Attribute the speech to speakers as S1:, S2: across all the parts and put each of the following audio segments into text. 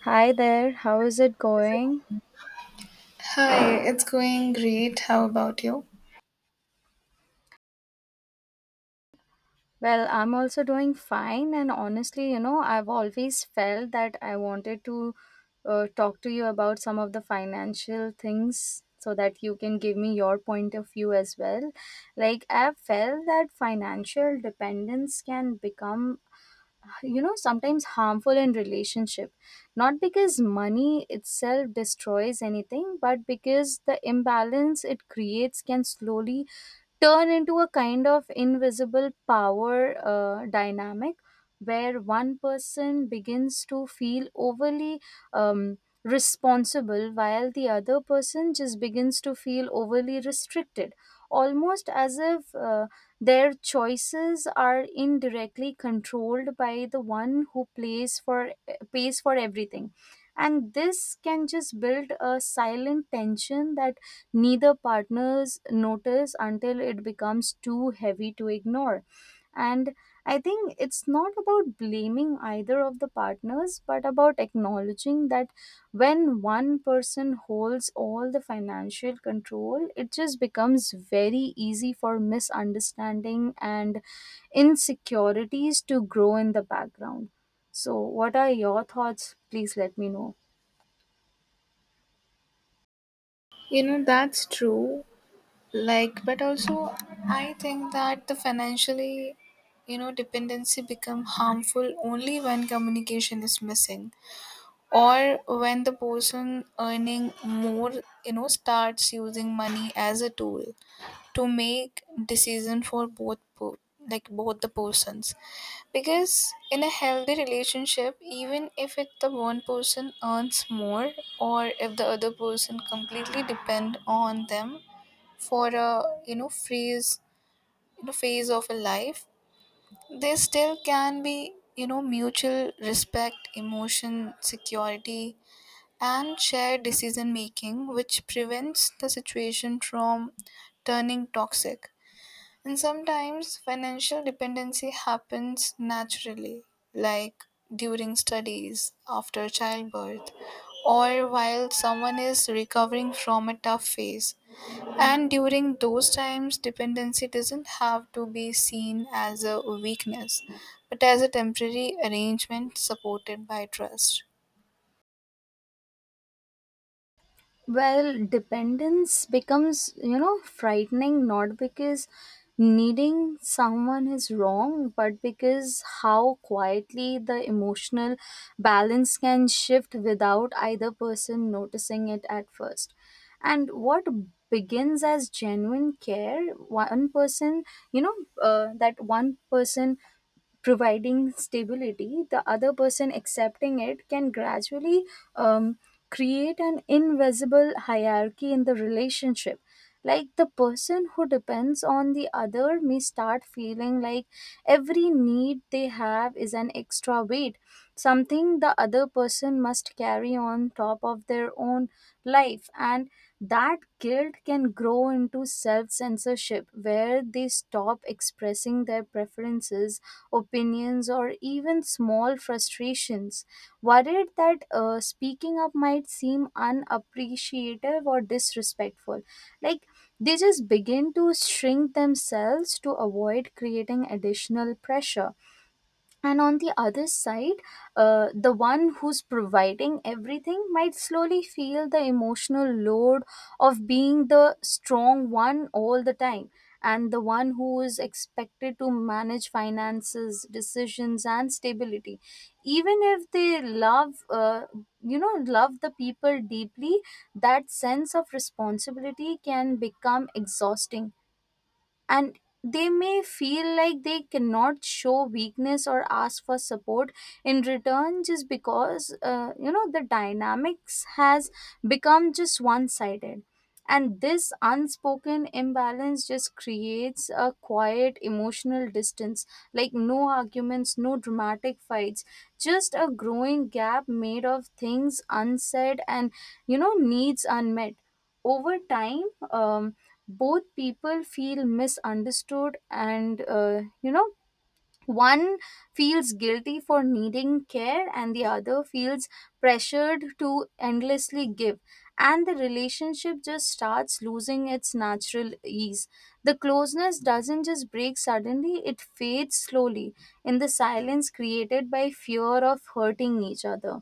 S1: Hi there, how is it going?
S2: Hi, it's going great. How about you?
S1: Well, I'm also doing fine, and honestly, you know, I've always felt that I wanted to talk to you about some of the financial things so that you can give me your point of view as well. Like, I've felt that financial dependence can become, you know, sometimes harmful in relationship. Not because money itself destroys anything, but because the imbalance it creates can slowly turn into a kind of invisible power dynamic where one person begins to feel overly um, responsible, while the other person just begins to feel overly restricted, almost as if their choices are indirectly controlled by the one who plays for pays for everything. And this can just build a silent tension that neither partners notice until it becomes too heavy to ignore. And I think it's not about blaming either of the partners, but about acknowledging that when one person holds all the financial control, it just becomes very easy for misunderstanding and insecurities to grow in the background. So, what are your thoughts? Please let me know.
S2: You know, that's true. Like, but also, I think that the financially, dependency become harmful only when communication is missing or when the person earning more, starts using money as a tool to make decision for like both the persons because in a healthy relationship even if it the one person earns more or if the other person completely depend on them for a phase phase of a life there still can be mutual respect emotion security and shared decision making which prevents the situation from turning toxic. And sometimes financial dependency happens naturally, like during studies, after childbirth, or while someone is recovering from a tough phase. And during those times, dependency doesn't have to be seen as a weakness, but as a temporary arrangement supported by trust.
S1: Well, dependence becomes, you know, frightening not because needing someone is wrong, but because how quietly the emotional balance can shift without either person noticing it at first. And what begins as genuine care, one person, you know, that one person providing stability, the other person accepting it, can gradually um, create an invisible hierarchy in the relationship. Like, the person who depends on the other may start feeling like every need they have is an extra weight, something the other person must carry on top of their own life. And that guilt can grow into self censorship where they stop expressing their preferences, opinions, or even small frustrations, worried that speaking up might seem unappreciative or disrespectful. Like, they just begin to shrink themselves to avoid creating additional pressure, and on the other side, the one who's providing everything might slowly feel the emotional load of being the strong one all the time, and the one who is expected to manage finances decisions and stability. Even if they love you know love the people deeply, that sense of responsibility can become exhausting, and they may feel like they cannot show weakness or ask for support in return just because you know, the dynamics has become just one sided. And this unspoken imbalance just creates a quiet emotional distance, like no arguments, no dramatic fights, just a growing gap made of things unsaid and, you know, needs unmet over time. um, Both people feel misunderstood, and you know, one feels guilty for needing care and the other feels pressured to endlessly give, and the relationship just starts losing its natural ease. The closeness doesn't just break suddenly, it fades slowly in the silence created by fear of hurting each other.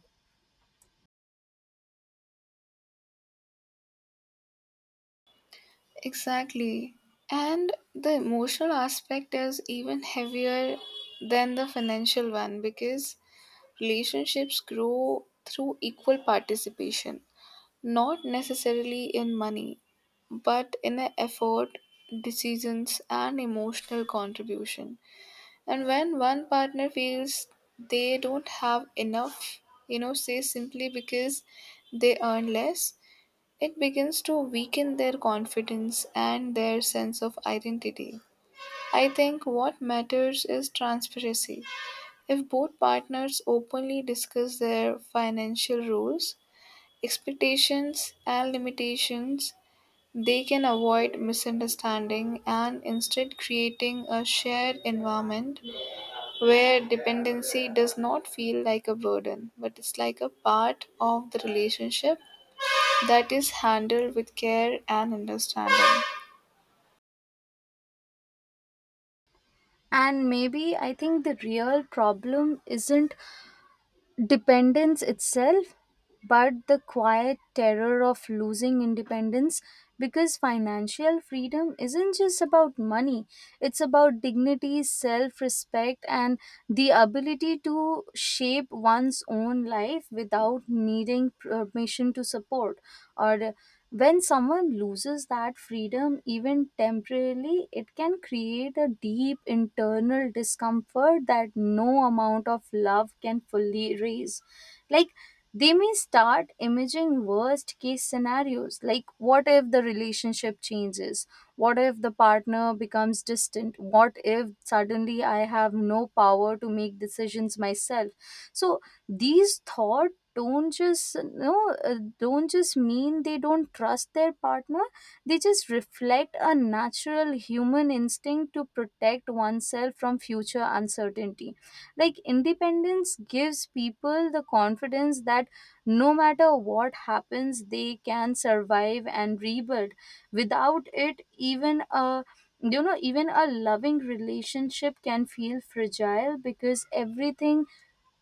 S2: Exactly. And the emotional aspect is even heavier than the financial one because relationships grow through equal participation, not necessarily in money, but in a effort, decisions, and emotional contribution. And when one partner feels they don't have enough, say simply because they earn less, it begins to weaken their confidence and their sense of identity. I think what matters is transparency if both partners openly discuss their financial rules, expectations, and limitations, they can avoid misunderstanding and instead creating a shared environment where dependency does not feel like a burden, but it's like a part of the relationship that is handled with care and understanding.
S1: And maybe I think the real problem isn't dependence itself, but the quiet terror of losing independence, because financial freedom isn't just about money, it's about dignity, self respect, and the ability to shape one's own life without needing permission to support. Or when someone loses that freedom, even temporarily, it can create a deep internal discomfort that no amount of love can fully erase. Like, they may start imaging worst case scenarios, like what if the relationship changes, what if the partner becomes distant, what if suddenly I have no power to make decisions myself. So these thought don't just, you know, don't just mean they don't trust their partner, they just reflect a natural human instinct to protect oneself from future uncertainty. Like, independence gives people the confidence that no matter what happens they can survive and rebuild. Without it, even a, you know, even a loving relationship can feel fragile because everything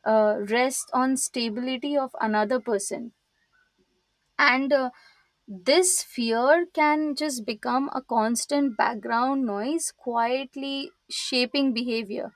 S1: rests on stability of another person. And this fear can just become a constant background noise, quietly shaping behavior.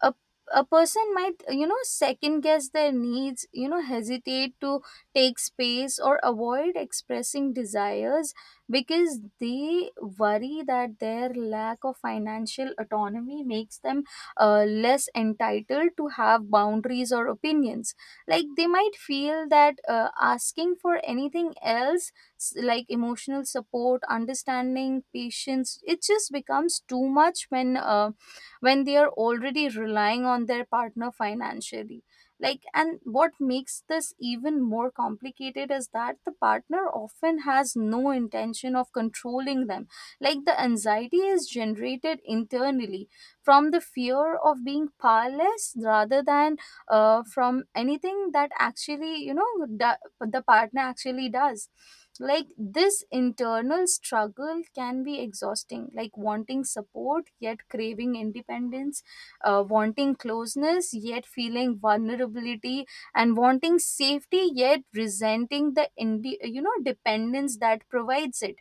S1: A, a person might, you know, second guess their needs, you know, hesitate to take space or avoid expressing desires, because they worry that their lack of financial autonomy makes them less entitled to have boundaries or opinions. Like, they might feel that asking for anything else, like emotional support, understanding, patience, it just becomes too much when they are already relying on their partner financially. Like, and what makes this even more complicated is that the partner often has no intention of controlling them. Like, the anxiety is generated internally from the fear of being powerless rather than from anything that actually, you know, d- the partner actually does. Like, this internal struggle can be exhausting, like wanting support yet craving independence, wanting closeness yet feeling vulnerability, and wanting safety yet resenting the you know, dependence that provides it.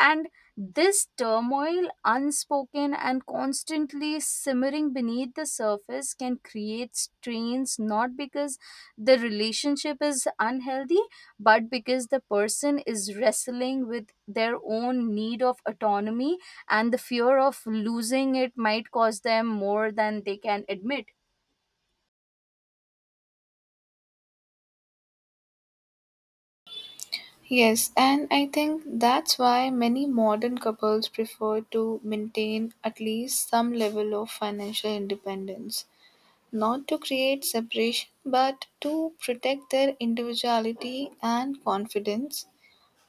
S1: And this turmoil, unspoken and constantly simmering beneath the surface, can create strains not because the relationship is unhealthy, but because the person is wrestling with their own need of autonomy, and the fear of losing it might cause them more than they can admit.
S2: Yes, and I think that's why many modern couples prefer to maintain at least some level of financial independence, not to create separation, but to protect their individuality and confidence,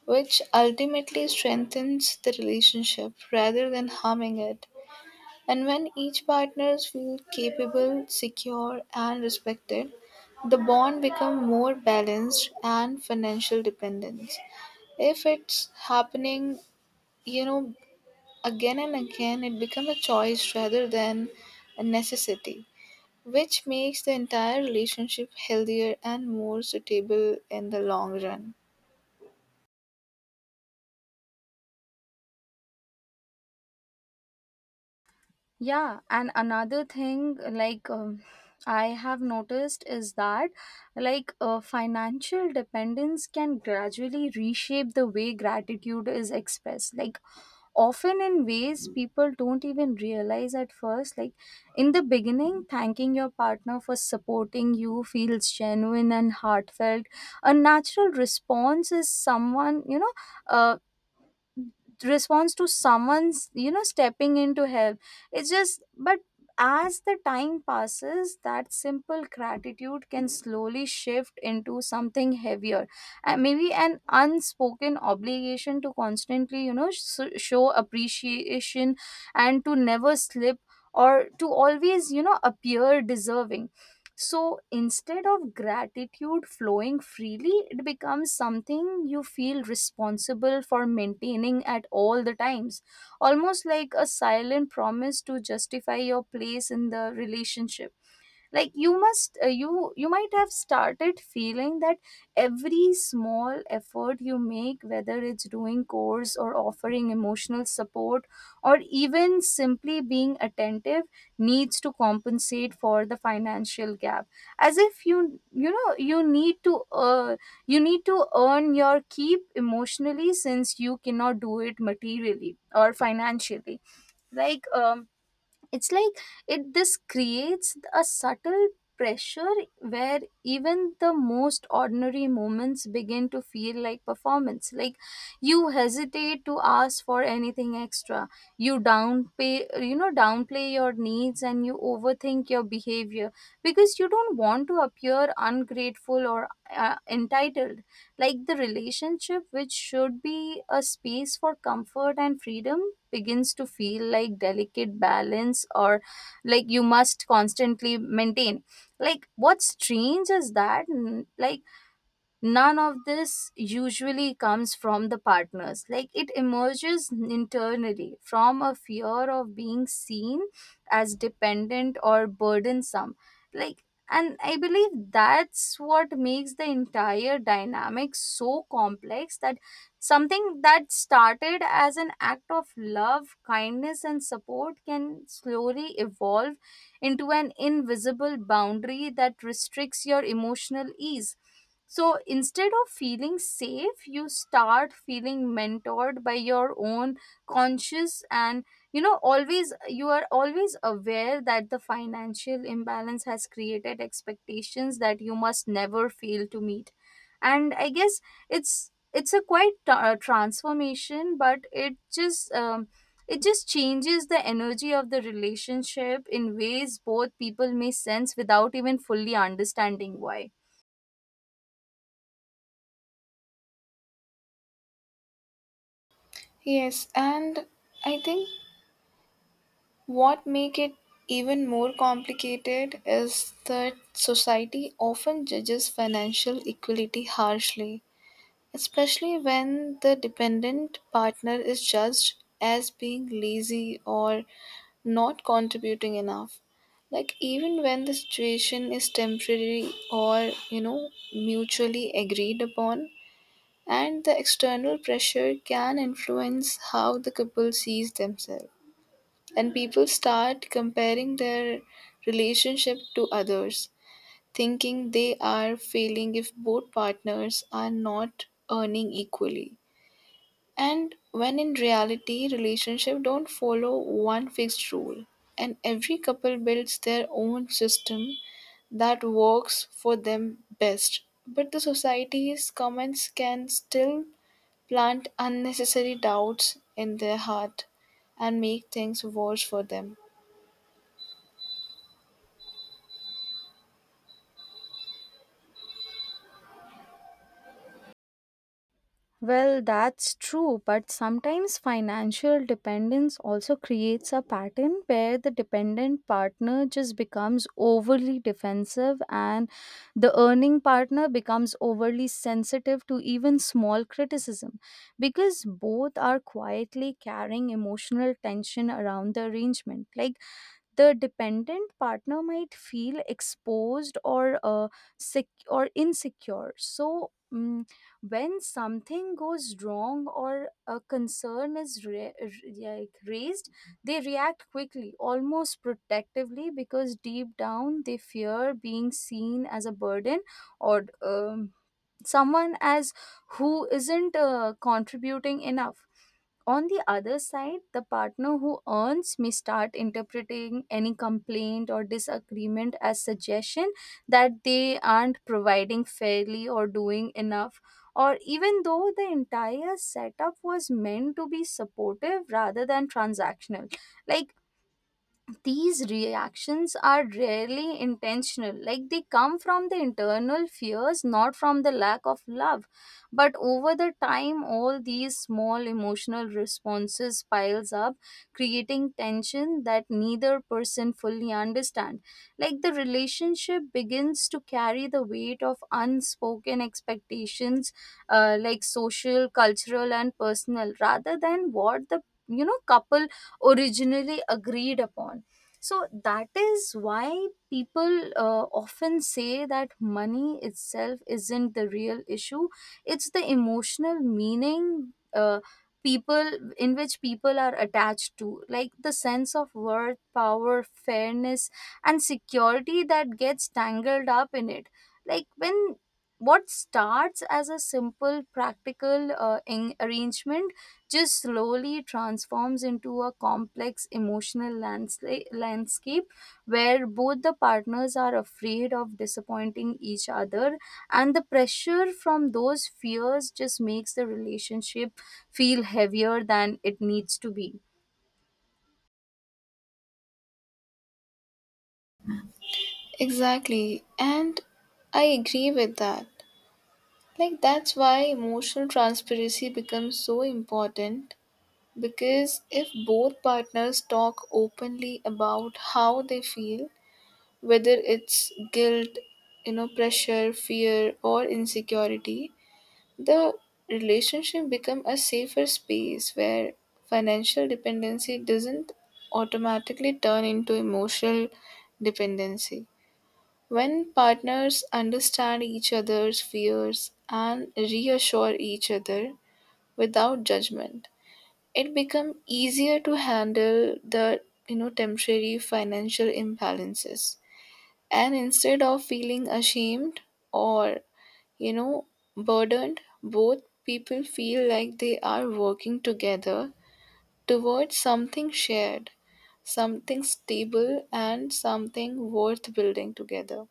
S2: which ultimately strengthens the relationship rather than harming it. And when each partner feels capable, secure, and respected, the bond becomes more balanced and financial dependence if it's happening, you know, again and again, it becomes a choice rather than a necessity, which makes the entire relationship healthier and more suitable in the long run.
S1: Yeah, and another thing, like, I have noticed is that, like, financial dependence can gradually reshape the way gratitude is expressed. Like, often in ways people don't even realize at first. Like, in the beginning, thanking your partner for supporting you feels genuine and heartfelt. A natural response is someone, you know, uh, response to someone's, you know, stepping in to help. It's just, but as the time passes, that simple gratitude can slowly shift into something heavier, and maybe an unspoken obligation to constantly, you know, show appreciation, and to never slip, or to always, you know, appear deserving. So instead of gratitude flowing freely, it becomes something you feel responsible for maintaining at all the times, almost like a silent promise to justify your place in the relationship. Like, you must, uh, you might have started feeling that every small effort you make, whether it's doing chores or offering emotional support or even simply being attentive, needs to compensate for the financial gap. As if you know you need to earn your keep emotionally since you cannot do it materially or financially. Like um it's like it this creates a subtle pressure where even the most ordinary moments begin to feel like performance. Like, you hesitate to ask for anything extra, you downplay your needs, and you overthink your behavior, because you don't want to appear ungrateful or entitled. Like, the relationship, which should be a space for comfort and freedom, begins to feel like delicate balance, or like you must constantly maintain. Like, what's strange is that, like, none of this usually comes from the partners, like it emerges internally from a fear of being seen as dependent or burdensome. Like, and I believe that's what makes the entire dynamic so complex, that something that started as an act of love, kindness, and support can slowly evolve into an invisible boundary that restricts your emotional ease. So instead of feeling safe, you start feeling mentored by your own conscious, and, you know, always, you are always aware that the financial imbalance has created expectations that you must never fail to meet. And I guess it's a quite transformation, but it just changes the energy of the relationship in ways both people may sense without even fully understanding why.
S2: Yes, and I think what make it even more complicated is that society often judges financial equality harshly, especially when the dependent partner is judged as being lazy or not contributing enough, like even when the situation is temporary or mutually agreed upon. And the external pressure can influence how the couple sees themselves, and people start comparing their relationship to others, thinking they are failing if both partners are not earning equally. And when in reality, relationships don't follow one fixed rule, and every couple builds their own system that works for them best. But the society's comments can still plant unnecessary doubts in their heart and make things worse for them.
S1: Well, that's true, but sometimes financial dependence also creates a pattern where the dependent partner just becomes overly defensive, and the earning partner becomes overly sensitive to even small criticism, because both are quietly carrying emotional tension around the arrangement. Like, the dependent partner might feel exposed or or insecure. So when something goes wrong or a concern is like raised, they react quickly, almost protectively, because deep down they fear being seen as a burden, or um, someone as who isn't contributing enough. On the other side, the partner who earns may start interpreting any complaint or disagreement as suggestion that they aren't providing fairly or doing enough, or even though the entire setup was meant to be supportive rather than transactional. Like, these reactions are rarely intentional, like they come from the internal fears, not from the lack of love. But over the time, all these small emotional responses piles up, creating tension that neither person fully understand. Like, the relationship begins to carry the weight of unspoken expectations, like social, cultural, and personal, rather than what the, you know, couple originally agreed upon. So that is why people often say that money itself isn't the real issue. It's the emotional meaning people in which people are attached to, like the sense of worth, power, fairness, and security that gets tangled up in it. Like when what starts as a simple practical arrangement just slowly transforms into a complex emotional landscape where both the partners are afraid of disappointing each other, and the pressure from those fears just makes the relationship feel heavier than it needs to be.
S2: Exactly, and I agree with that. Like, that's why emotional transparency becomes so important. Because if both partners talk openly about how they feel, whether it's guilt, pressure, fear, or insecurity, the relationship become a safer space where financial dependency doesn't automatically turn into emotional dependency. When partners understand each other's fears and reassure each other without judgment, it become easier to handle the temporary financial imbalances, and instead of feeling ashamed or you know burdened, both people feel like they are working together towards something shared, something stable, and something worth building together.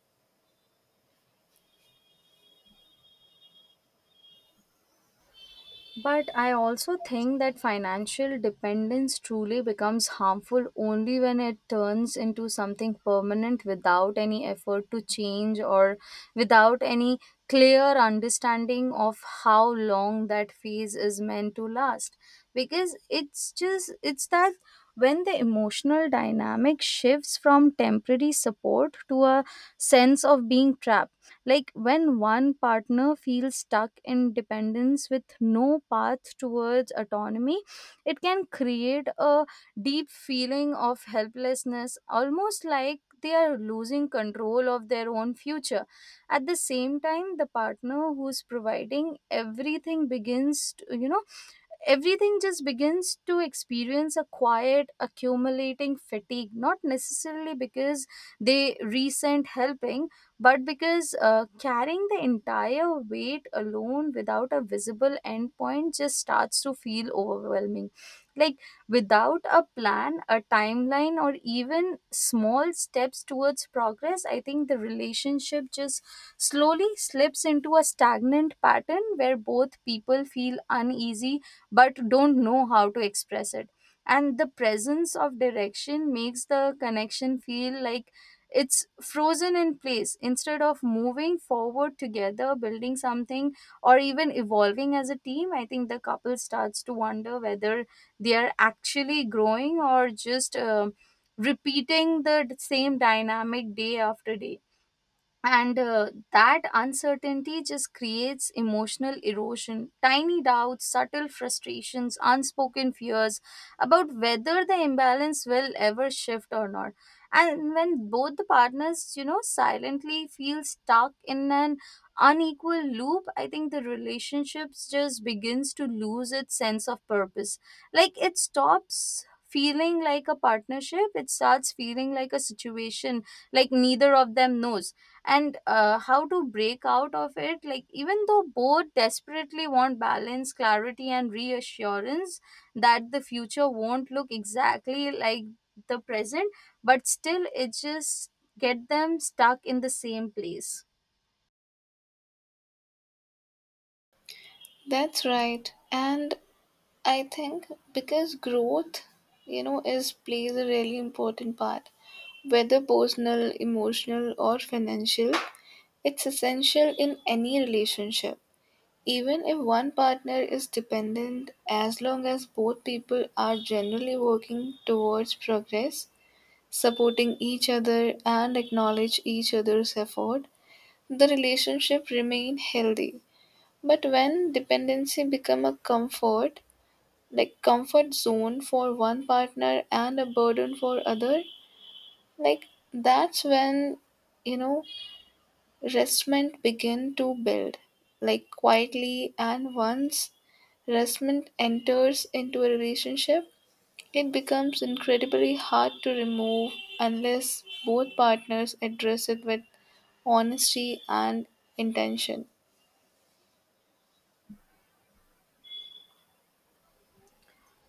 S1: But I also think that financial dependence truly becomes harmful only when it turns into something permanent without any effort to change or without any clear understanding of how long that phase is meant to last. Because it's that when the emotional dynamic shifts from temporary support to a sense of being trapped, like when one partner feels stuck in dependence with no path towards autonomy, it can create a deep feeling of helplessness, almost like they are losing control of their own future. At the same time, the partner who's providing everything begins, to, you know, everything just begins to experience a quiet accumulating fatigue, not necessarily because they resent helping, but because carrying the entire weight alone without a visible endpoint just starts to feel overwhelming. Like without a plan, a timeline, or even small steps towards progress, I think the relationship just slowly slips into a stagnant pattern where both people feel uneasy but don't know how to express it, and the presence of direction makes the connection feel like it's frozen in place instead of moving forward together, building something or even evolving as a team. I think the couple starts to wonder whether they are actually growing or just repeating the same dynamic day after day, and that uncertainty just creates emotional erosion, tiny doubts, subtle frustrations, unspoken fears about whether the imbalance will ever shift or not. And when both the partners, you know, silently feel stuck in an unequal loop, I think the relationships just begins to lose its sense of purpose. Like it stops feeling like a partnership, it starts feeling like a situation, like neither of them knows and how to break out of it, like even though both desperately want balance, clarity, and reassurance that the future won't look exactly like the present, but still it just get them stuck in the same place.
S2: That's right. And I think because growth, is plays a really important part, whether personal, emotional, or financial. It's essential in any relationship. Even if one partner is dependent, as long as both people are generally working towards progress, supporting each other, and acknowledge each other's effort, the relationship remain healthy. But when dependency become a comfort, like comfort zone for one partner and a burden for other, like that's when you know restment begin to build, like quietly, and once restment enters into a relationship, it becomes incredibly hard to remove unless both partners address it with honesty and intention.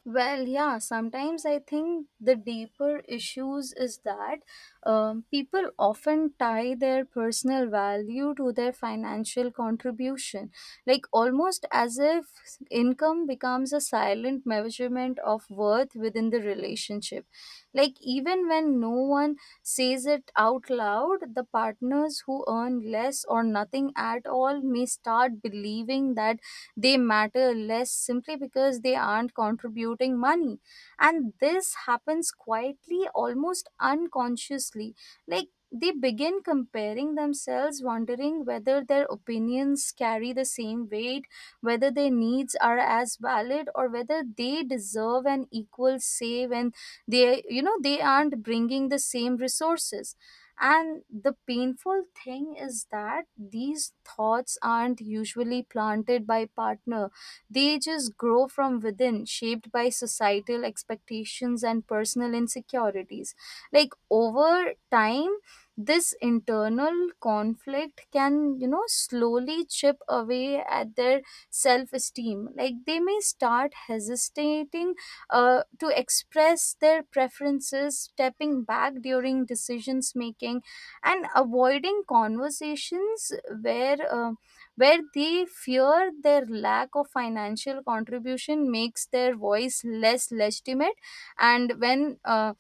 S1: Well, yeah, sometimes I think the deeper issues is that people often tie their personal value to their financial contribution, like almost as if income becomes a silent measurement of worth within the relationship. Like, even when no one says it out loud, the partners who earn less or nothing at all may start believing that they matter less simply because they aren't contributing money, and this happens quietly, almost unconsciously. Like they begin comparing themselves, wondering whether their opinions carry the same weight, whether their needs are as valid, or whether they deserve an equal say when they you know they aren't bringing the same resources. And the painful thing is that these thoughts aren't usually planted by partner. They just grow from within, shaped by societal expectations and personal insecurities. Like over time, this internal conflict can, you know, slowly chip away at their self esteem. Like they may start hesitating to express their preferences, stepping back during decisions making, and avoiding conversations where uh, where they fear their lack of financial contribution makes their voice less legitimate. And when uh,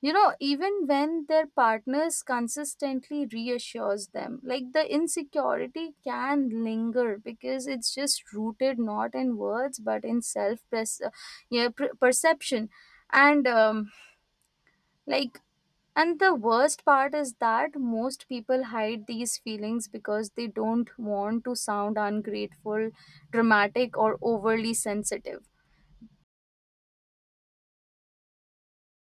S1: you know even when their partners consistently reassures them, like the insecurity can linger because it's just rooted not in words but in self pres- yeah, per- perception, and like and the worst part is that most people hide these feelings because they don't want to sound ungrateful, dramatic, or overly sensitive.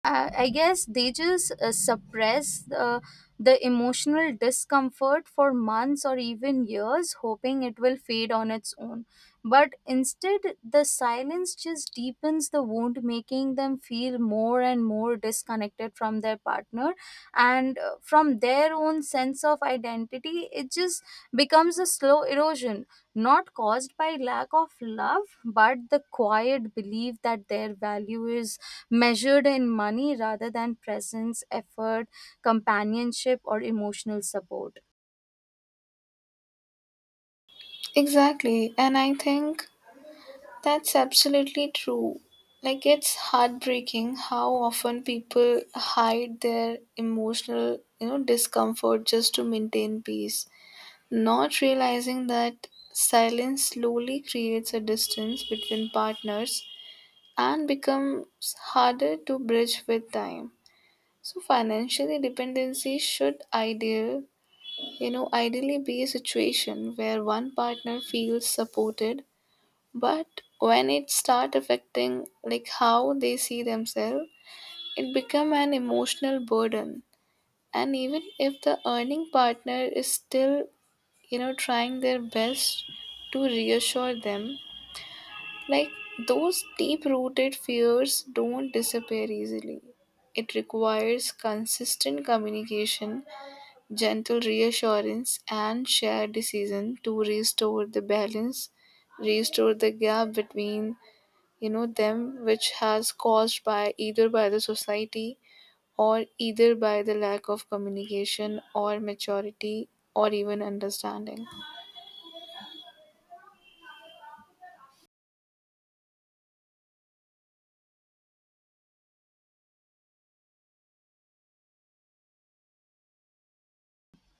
S1: I guess they just suppress the emotional discomfort for months or even years, hoping it will fade on its own. But instead, the silence just deepens the wound, making them feel more and more disconnected from their partner and from their own sense of identity. It just becomes a slow erosion, not caused by lack of love but the quiet belief that their value is measured in money rather than presence, effort, companionship, or emotional support.
S2: Exactly, and I think that's absolutely true. Like, it's heartbreaking how often people hide their emotional, discomfort just to maintain peace, not realizing that silence slowly creates a distance between partners and becomes harder to bridge with time. So financially dependency should ideally be a situation where one partner feels supported, but when it start affecting like how they see themselves it become an emotional burden. And even if the earning partner is still trying their best to reassure them, like those deep rooted fears don't disappear easily. It requires consistent communication, gentle reassurance, and shared decision to restore the balance, restore the gap between them, which has caused by either by the society, or either by the lack of communication or maturity, or even understanding.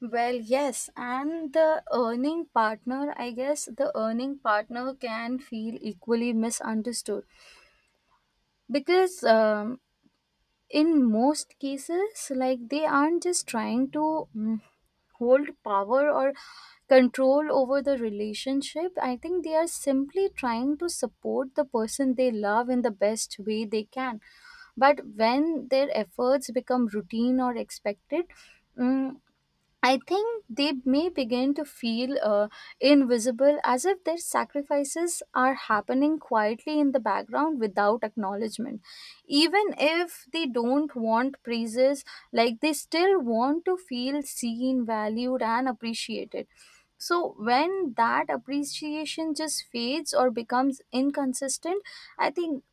S1: Well, yes, and the earning partner can feel equally misunderstood because in most cases, like they aren't just trying to hold power or control over the relationship. I think they are simply trying to support the person they love in the best way they can, but when their efforts become routine or expected, mm, I think they may begin to feel invisible, as if their sacrifices are happening quietly in the background without acknowledgement. Even if they don't want praises, like they still want to feel seen, valued, and appreciated. So, when that appreciation just fades or becomes inconsistent, I think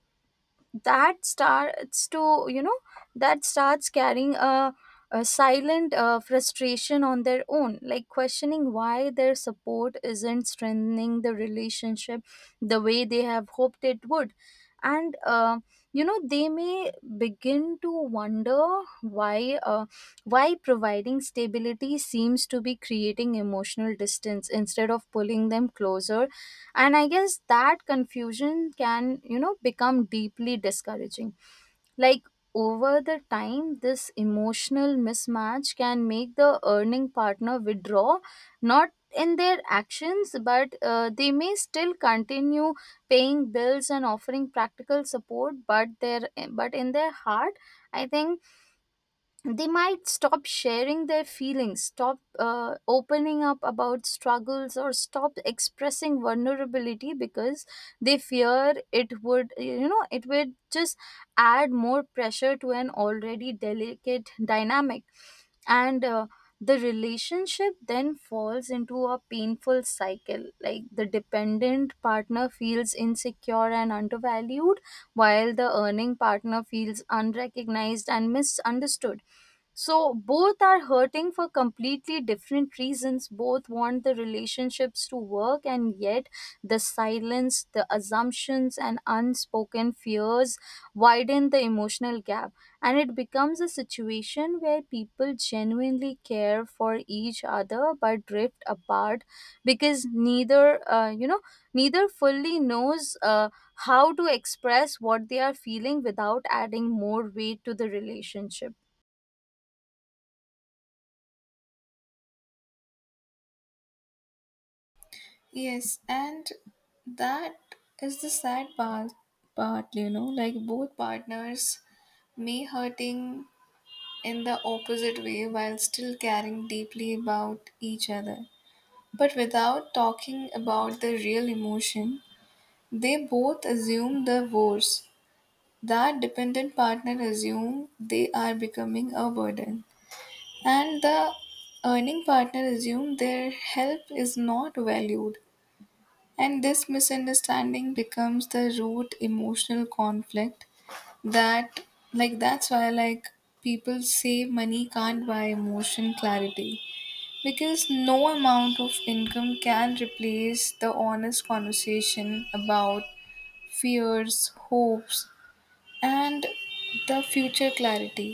S1: that starts to you know that starts carrying a silent frustration on their own, like questioning why their support isn't strengthening the relationship the way they have hoped it would. And you know, they may begin to wonder why uh, why providing stability seems to be creating emotional distance instead of pulling them closer. And I guess that confusion can, you know, become deeply discouraging. Like over the time, this emotional mismatch can make the earning partner withdraw, not in their actions, but they may still continue paying bills and offering practical support, but their but in their heart, I think they might stop sharing their feelings, stop opening up about struggles, or stop expressing vulnerability because they fear it would, you know, it would just add more pressure to an already delicate dynamic. And the relationship then falls into a painful cycle. Like the dependent partner feels insecure and undervalued, while the earning partner feels unrecognized and misunderstood, so both are hurting for completely different reasons. Both want the relationships to work, and yet the silence, the assumptions, and unspoken fears widen the emotional gap. And it becomes a situation where people genuinely care for each other but drift apart because uh, you know, neither fully knows how to express what they are feeling without adding more weight to the relationship.
S2: Yes, and that is the sad part, like both partners may hurting in the opposite way while still caring deeply about each other. But without talking about the real emotion, they both assume the worst, that dependent partner assume they are becoming a burden and the earning partner assume their help is not valued. And this misunderstanding becomes the root emotional conflict that, like, that's why like people say money can't buy emotion clarity, because no amount of income can replace the honest conversation about fears, hopes, and the future clarity.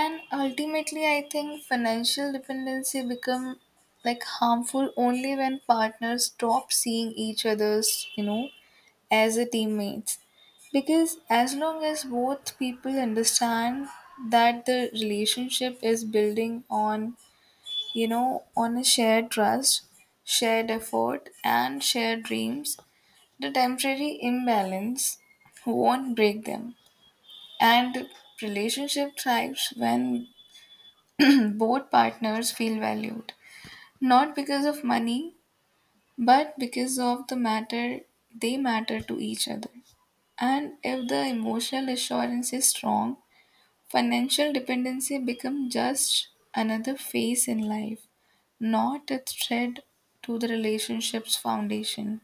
S2: And ultimately I think financial dependency become like harmful only when partners stop seeing each other's, you know as a teammates. Because as long as both people understand that the relationship is building on on a shared trust, shared effort, and shared dreams, the temporary imbalance won't break them. And relationship thrives when both partners feel valued, not because of money, but because of they matter to each other. And if the emotional assurance is strong, financial dependency becomes just another phase in life, not a thread to the relationship's foundation.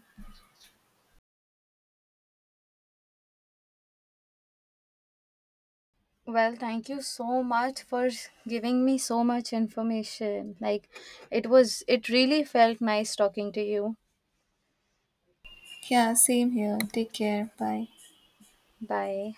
S1: Well, thank you so much for giving me so much information. Like, it really felt nice talking to you.
S2: Yeah, same here. Take care. Bye.
S1: Bye.